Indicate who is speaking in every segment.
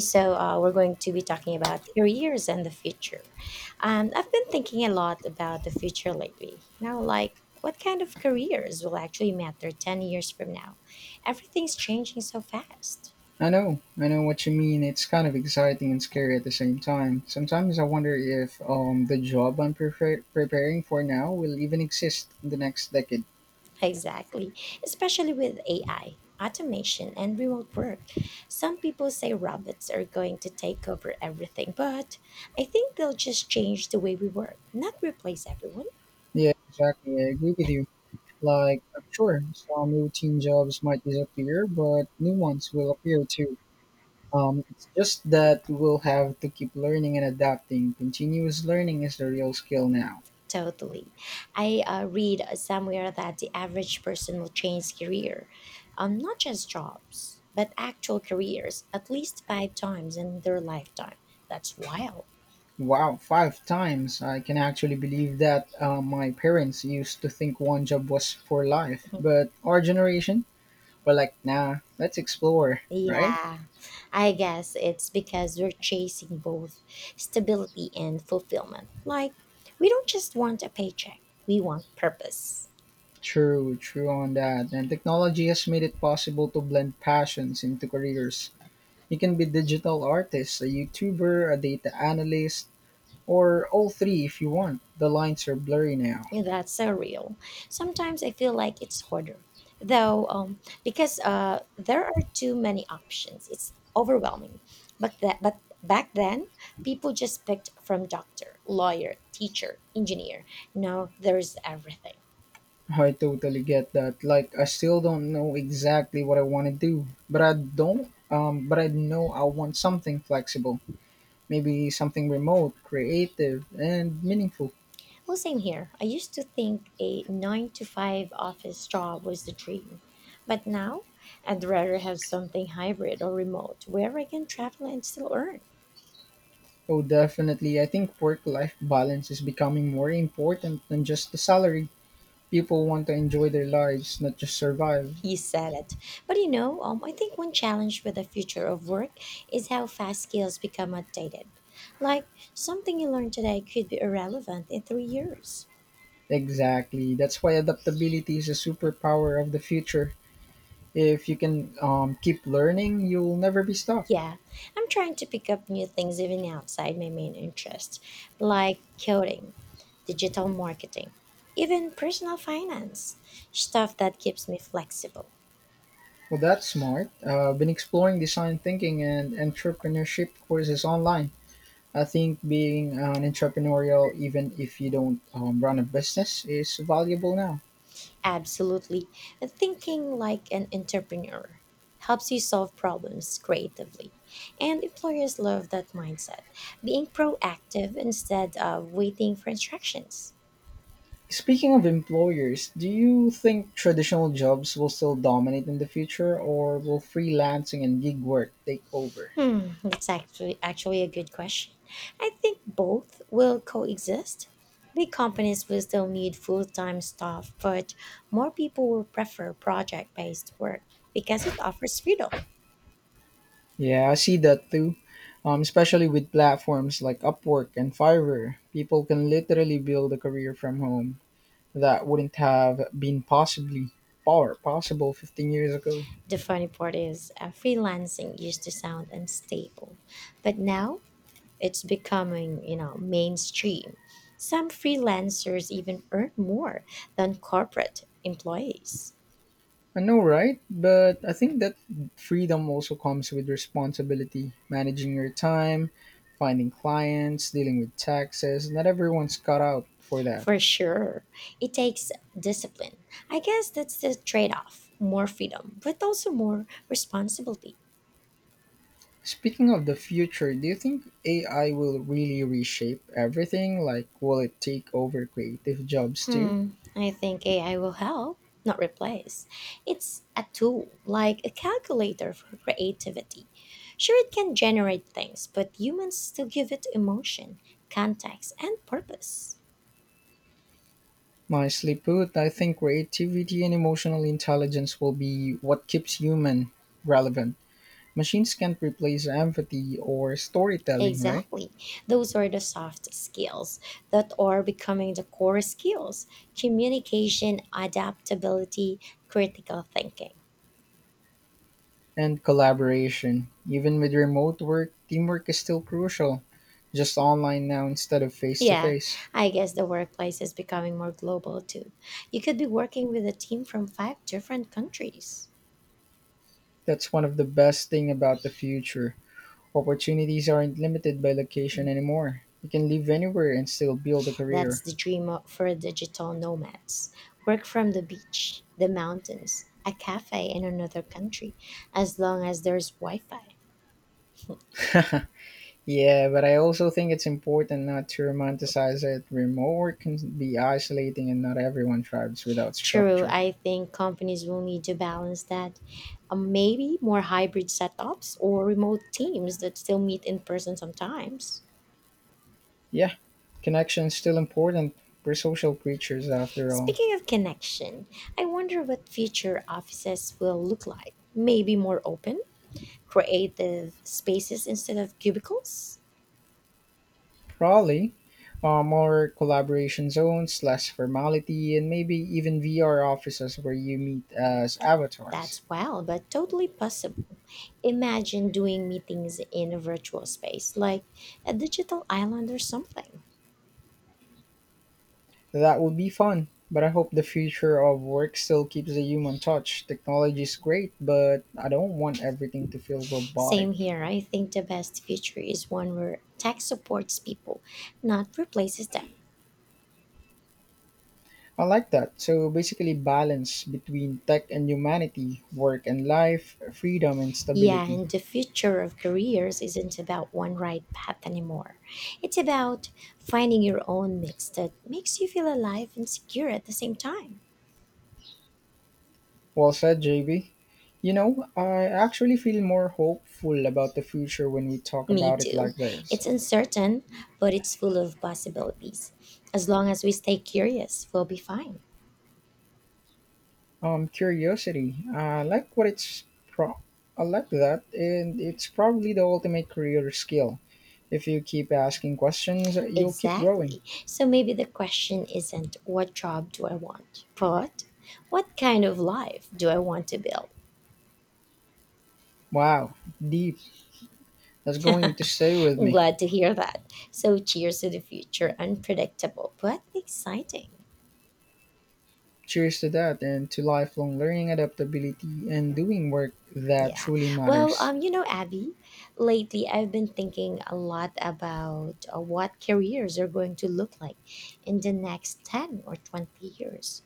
Speaker 1: So we're going to be talking about careers and the future. I've been thinking a lot about the future lately. You know, like what kind of careers will actually matter 10 years from now? Everything's changing so fast.
Speaker 2: I know what you mean. It's kind of exciting and scary at the same time. Sometimes I wonder if the job I'm preparing for now will even exist in the next decade.
Speaker 1: Exactly, especially with AI, automation, and remote work. Some people say robots are going to take over everything, but I think they'll just change the way we work, not replace everyone.
Speaker 2: Yeah, exactly. I agree with you. Like, I'm sure some routine jobs might disappear, but new ones will appear too. It's just that we'll have to keep learning and adapting. Continuous learning is the real skill now.
Speaker 1: Totally. I read somewhere that the average person will change career, not just jobs, but actual careers, at least 5 times in their lifetime. That's wild.
Speaker 2: Wow, five times. I can actually believe that, my parents used to think one job was for life. But our generation, we're like, nah, let's explore, right?
Speaker 1: Yeah, I guess it's because we're chasing both stability and fulfillment. Like, we don't just want a paycheck, we want purpose.
Speaker 2: True, true on that. And technology has made it possible to blend passions into careers. You can be digital artist, a YouTuber, a data analyst, or all three if you want. The lines are blurry now.
Speaker 1: That's so real. Sometimes I feel like it's harder, because there are too many options. It's overwhelming. But back then, people just picked from doctor, lawyer, teacher, engineer. Now there's everything.
Speaker 2: I totally get that. Like, I still don't know exactly what I want to do, but I don't but I know I want something flexible. Maybe something remote, creative, and meaningful.
Speaker 1: Well, same here. I used to think a 9 to 5 office job was the dream, but now I'd rather have something hybrid or remote where I can travel and still earn.
Speaker 2: Oh, definitely. I think work-life balance is becoming more important than just the salary. People want to enjoy their lives, not just survive.
Speaker 1: He said it. But I think one challenge with the future of work is how fast skills become outdated. Like, something you learn today could be irrelevant in 3 years.
Speaker 2: Exactly. That's why adaptability is a superpower of the future. If you can keep learning, you'll never be stuck.
Speaker 1: Yeah, I'm trying to pick up new things even outside my main interests, like coding, digital marketing, even personal finance, stuff that keeps me flexible.
Speaker 2: Well, that's smart. I've been exploring design thinking and entrepreneurship courses online. I think being an entrepreneurial, even if you don't run a business, is valuable now.
Speaker 1: Absolutely. Thinking like an entrepreneur helps you solve problems creatively. And employers love that mindset, being proactive instead of waiting for instructions.
Speaker 2: Speaking of employers, do you think traditional jobs will still dominate in the future, or will freelancing and gig work take over?
Speaker 1: Hmm, that's actually a good question. I think both will coexist. Big companies will still need full-time staff, but more people will prefer project-based work because it offers freedom.
Speaker 2: Yeah, I see that too. Especially with platforms like Upwork and Fiverr, people can literally build a career from home. That wouldn't have been possibly power possible 15 years ago.
Speaker 1: The funny part is, freelancing used to sound unstable, but now it's becoming, mainstream. Some freelancers even earn more than corporate employees.
Speaker 2: I know, right? But I think that freedom also comes with responsibility, managing your time, finding clients, dealing with taxes. Not everyone's cut out for that.
Speaker 1: For sure, it takes discipline. I guess that's the trade off more freedom, but also more responsibility.
Speaker 2: Speaking of the future, do you think AI will really reshape everything? Like, will it take over creative jobs too?
Speaker 1: Hmm, I think AI will help, not replace. It's a tool, like a calculator for creativity. Sure, it can generate things, but humans still give it emotion, context, and purpose.
Speaker 2: Nicely put. I think creativity and emotional intelligence will be what keeps human relevant. Machines can't replace empathy or storytelling, right?
Speaker 1: Exactly. Those are the soft skills that are becoming the core skills communication, adaptability, critical thinking.
Speaker 2: And collaboration. Even with remote work, teamwork is still crucial, just online now instead of face to
Speaker 1: Yeah,
Speaker 2: face.
Speaker 1: I guess the workplace is becoming more global too. You could be working with a team from five different countries.
Speaker 2: That's one of the best thing about the future. Opportunities aren't limited by
Speaker 1: Mm,
Speaker 2: location anymore. You can live anywhere and still build a
Speaker 1: that's
Speaker 2: career.
Speaker 1: the dream for digital nomads. Work from the beach, the mountains, a cafe in another country, as long as there's Wi Fi.
Speaker 2: Yeah, but I also think it's important not to romanticize it. Remote work can be isolating and not everyone thrives without
Speaker 1: True,
Speaker 2: structure.
Speaker 1: I think companies will need to balance that. Maybe more hybrid setups or remote teams that still meet in person sometimes.
Speaker 2: Yeah, connection's still important. We're social creatures after all.
Speaker 1: Speaking of connection, I wonder what future offices will look like. Maybe more open, creative spaces instead of cubicles?
Speaker 2: Probably more collaboration zones, less formality, and maybe even VR offices where you meet as avatars.
Speaker 1: That's wild, but totally possible. Imagine doing meetings in a virtual space, like a digital island or something.
Speaker 2: That would be fun, but I hope the future of work still keeps the human touch. Technology is great, but I don't want everything to feel robotic.
Speaker 1: Same here, I think the best future is one where tech supports people, not replaces them.
Speaker 2: I like that. So basically, balance between tech and humanity, work and life, freedom and
Speaker 1: Yeah,
Speaker 2: stability.
Speaker 1: and the future of careers isn't about one right path anymore. It's about finding your own mix that makes you feel alive and secure at the same time.
Speaker 2: Well said, JB. You know, I actually feel more hopeful about the future when we talk
Speaker 1: Me
Speaker 2: about it
Speaker 1: too.
Speaker 2: like this.
Speaker 1: It's uncertain, but it's full of possibilities. As long as we stay curious, we'll be fine.
Speaker 2: Curiosity. I like what it's pro. I like that, and it's probably the ultimate career skill. If you keep asking questions, you'll keep growing.
Speaker 1: Exactly. So maybe the question isn't what job do I want, but what kind of life do I want to build?
Speaker 2: Wow, deep. That's going to stay with me.
Speaker 1: Glad to hear that. So cheers to the future, unpredictable but exciting.
Speaker 2: Cheers to that, and to lifelong learning, adaptability, and doing work that
Speaker 1: Yeah.
Speaker 2: truly
Speaker 1: Well,
Speaker 2: matters.
Speaker 1: um, you know, Abby, lately I've been thinking a lot about what careers are going to look like in the next 10 or 20 years.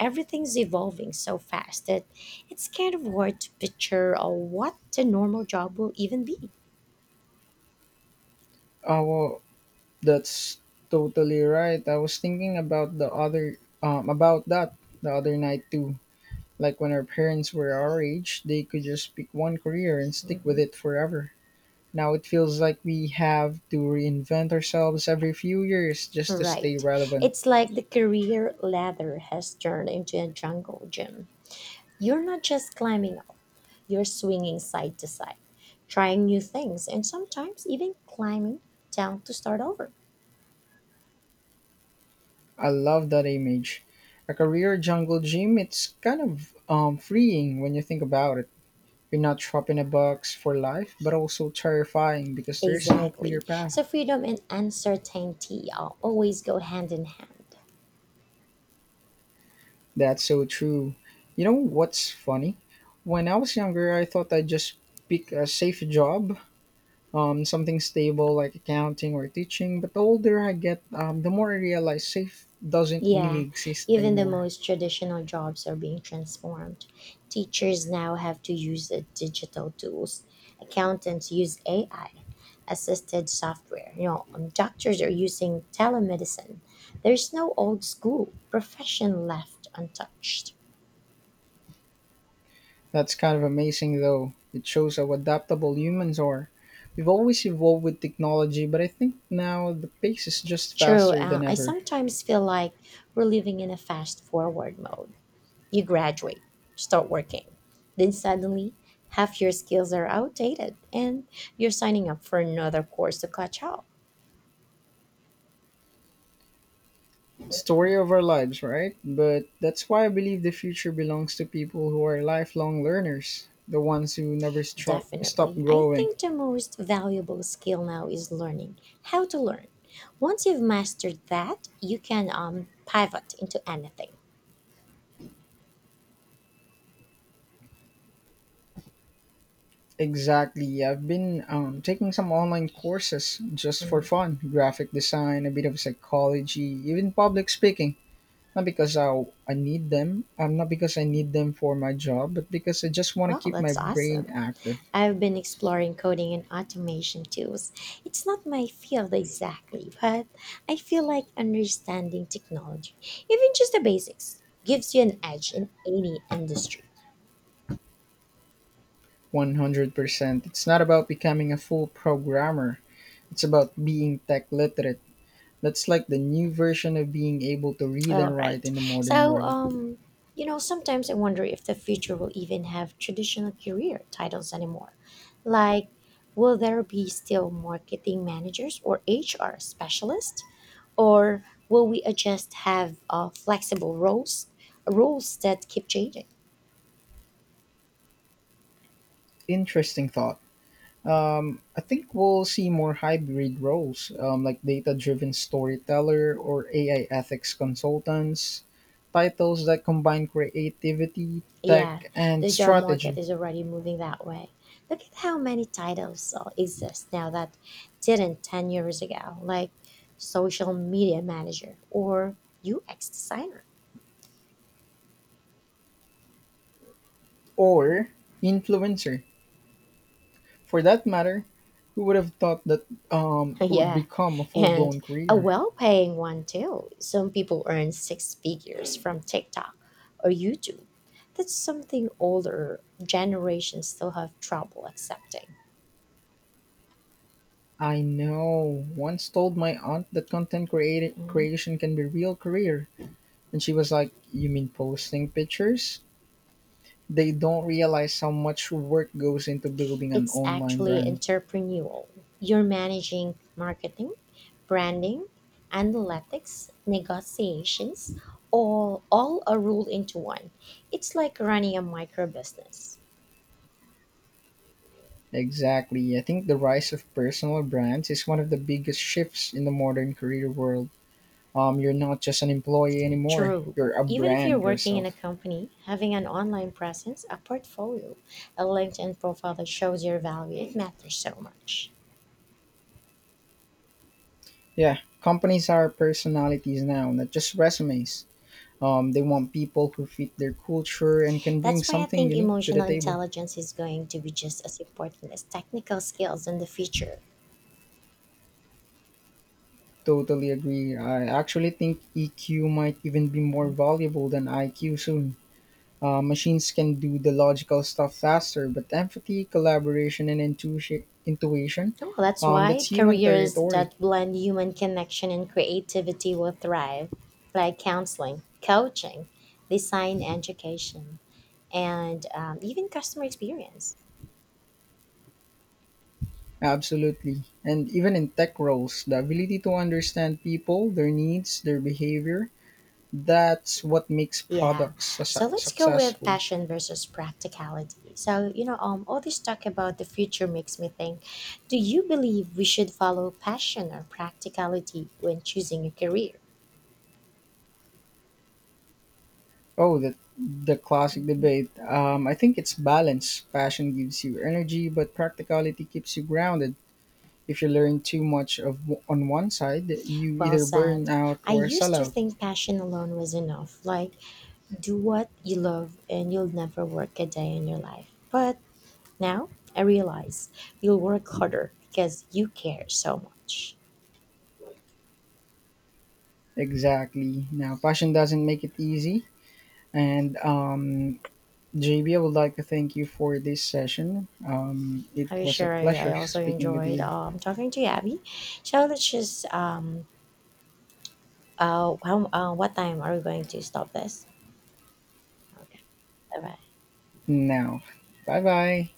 Speaker 1: Everything's evolving so fast that it's kind of hard to picture what the normal job will even be.
Speaker 2: Well, that's totally right. I was thinking about the other about that the other night too. Like when our parents were our age, they could just pick one career and stick with
Speaker 1: Mhm.
Speaker 2: it forever. Now it feels like we have to reinvent ourselves every few years just to stay
Speaker 1: Right.
Speaker 2: relevant.
Speaker 1: It's like the career ladder has turned into a jungle gym. You're not just climbing. You're swinging side to side, trying new things, and sometimes even climbing down to start over.
Speaker 2: I love that image. A career jungle gym, it's kind of freeing when you think about it. You're not trapped in a box for life, but also terrifying because there is no clear
Speaker 1: Exactly.
Speaker 2: path.
Speaker 1: So freedom and uncertainty always go hand in hand.
Speaker 2: That's so true. You know what's funny? When I was younger, I thought I'd just pick a safe job, something stable like accounting or teaching. But the older I get, the more I realize safe doesn't really
Speaker 1: Yeah,
Speaker 2: exist
Speaker 1: even the
Speaker 2: anymore.
Speaker 1: most traditional jobs are being transformed. Teachers now have to use the digital tools. Accountants use AI, assisted software. Doctors are using telemedicine. There's no old school profession left untouched.
Speaker 2: That's kind of amazing, though. It shows how adaptable humans are. We've always evolved with technology, but I think now the pace is just
Speaker 1: True,
Speaker 2: faster than
Speaker 1: I
Speaker 2: ever.
Speaker 1: sometimes feel like we're living in a fast forward mode. You graduate, start working, then suddenly half your skills are outdated and you're signing up for another course to catch up.
Speaker 2: Story of our lives, right? But that's why I believe the future belongs to people who are lifelong learners, the ones who never stop
Speaker 1: Definitely. I
Speaker 2: growing.
Speaker 1: think the most valuable skill now is learning how to learn. Once you've mastered that, you can pivot into anything.
Speaker 2: Exactly. I've been taking some online courses just for
Speaker 1: Mm.
Speaker 2: fun: graphic design, a bit of psychology, even public speaking. Not because I need them, not because I need them for my job, but because I just want to
Speaker 1: Well,
Speaker 2: keep my
Speaker 1: that's
Speaker 2: brain
Speaker 1: awesome.
Speaker 2: active.
Speaker 1: I've been exploring coding and automation tools. It's not my field exactly, but I feel like understanding technology, even just the basics, gives you an edge in any industry.
Speaker 2: 100%. It's not about becoming a full programmer, it's about being tech literate. That's like the new version of being able to read
Speaker 1: All
Speaker 2: and write
Speaker 1: right.
Speaker 2: in the modern
Speaker 1: So,
Speaker 2: world.
Speaker 1: um, you know, sometimes I wonder if the future will even have traditional career titles anymore. Like, will there be still marketing managers or HR specialists? Or will we just have flexible roles rules that keep changing.
Speaker 2: Interesting thought. I think we'll see more hybrid roles, like data driven storyteller or AI ethics consultants, titles that combine creativity,
Speaker 1: Yeah,
Speaker 2: tech, and
Speaker 1: the job market
Speaker 2: strategy,
Speaker 1: is already moving that way. Look at how many titles exist now that didn't 10 years ago, like social media manager or ux designer.
Speaker 2: or
Speaker 1: Mhm.
Speaker 2: influencer. For that matter, who would have thought that it would
Speaker 1: Yeah.
Speaker 2: become a full
Speaker 1: And
Speaker 2: blown
Speaker 1: a
Speaker 2: career?
Speaker 1: well paying one too. Some people earn 6 figures from TikTok or YouTube. That's something older generations still have trouble accepting.
Speaker 2: I know. Once told my aunt that
Speaker 1: Mhm.
Speaker 2: creation can be real career, and she was like, "You mean posting pictures? They don't realize how much work goes into building an
Speaker 1: It's
Speaker 2: online
Speaker 1: actually
Speaker 2: brand."
Speaker 1: entrepreneurial. You're managing marketing, branding, analytics, negotiations, all are rolled into one. It's like running a micro business.
Speaker 2: Exactly. I think the rise of personal brands is one of the biggest shifts in the modern career world. You're not just an employee anymore.
Speaker 1: True.
Speaker 2: You're a
Speaker 1: Even if you're
Speaker 2: brand
Speaker 1: working in a
Speaker 2: yourself.
Speaker 1: company, having an online presence, a portfolio, a LinkedIn profile that shows your value, it matters so much.
Speaker 2: Yeah, companies are personalities now, not just resumes. They want people who fit their culture and can bring
Speaker 1: That's why I
Speaker 2: something
Speaker 1: think
Speaker 2: unique to the
Speaker 1: emotional
Speaker 2: table.
Speaker 1: intelligence is going to be just as important as technical skills in the future.
Speaker 2: Totally agree. I actually think EQ might even be more valuable than IQ soon. Machines can do the logical stuff faster, but empathy, collaboration, and intuition
Speaker 1: Well, that's
Speaker 2: that's
Speaker 1: why
Speaker 2: human
Speaker 1: careers
Speaker 2: territory.
Speaker 1: that blend human connection and creativity will thrive, like counseling, coaching, design education, and even customer experience.
Speaker 2: Absolutely. And even in tech roles, the ability to understand people, their needs, their behavior, that's what makes
Speaker 1: Yeah.
Speaker 2: products
Speaker 1: So let's go with
Speaker 2: successful.
Speaker 1: passion versus practicality. So, all this talk about the future makes me think, do you believe we should follow passion or practicality when choosing a career?
Speaker 2: Oh, the classic debate. I think it's balance. Passion gives you energy, but practicality keeps you grounded. If you learn too much on one side, you
Speaker 1: Well
Speaker 2: either
Speaker 1: said.
Speaker 2: burn out
Speaker 1: I
Speaker 2: or sell
Speaker 1: used to
Speaker 2: out.
Speaker 1: think passion alone was enough, like do what you love and you'll never work a day in your life. But now I realize you'll work harder because you care so much.
Speaker 2: Exactly. Now, passion doesn't make it easy. And JB, I would like to thank you for this session. It
Speaker 1: Hi,
Speaker 2: was a
Speaker 1: Sherry. I
Speaker 2: pleasure
Speaker 1: also
Speaker 2: speaking with
Speaker 1: enjoyed
Speaker 2: you.
Speaker 1: talking to you, Abby. So let's just how what time are we going to stop this? Okay, bye bye.
Speaker 2: Now, bye bye.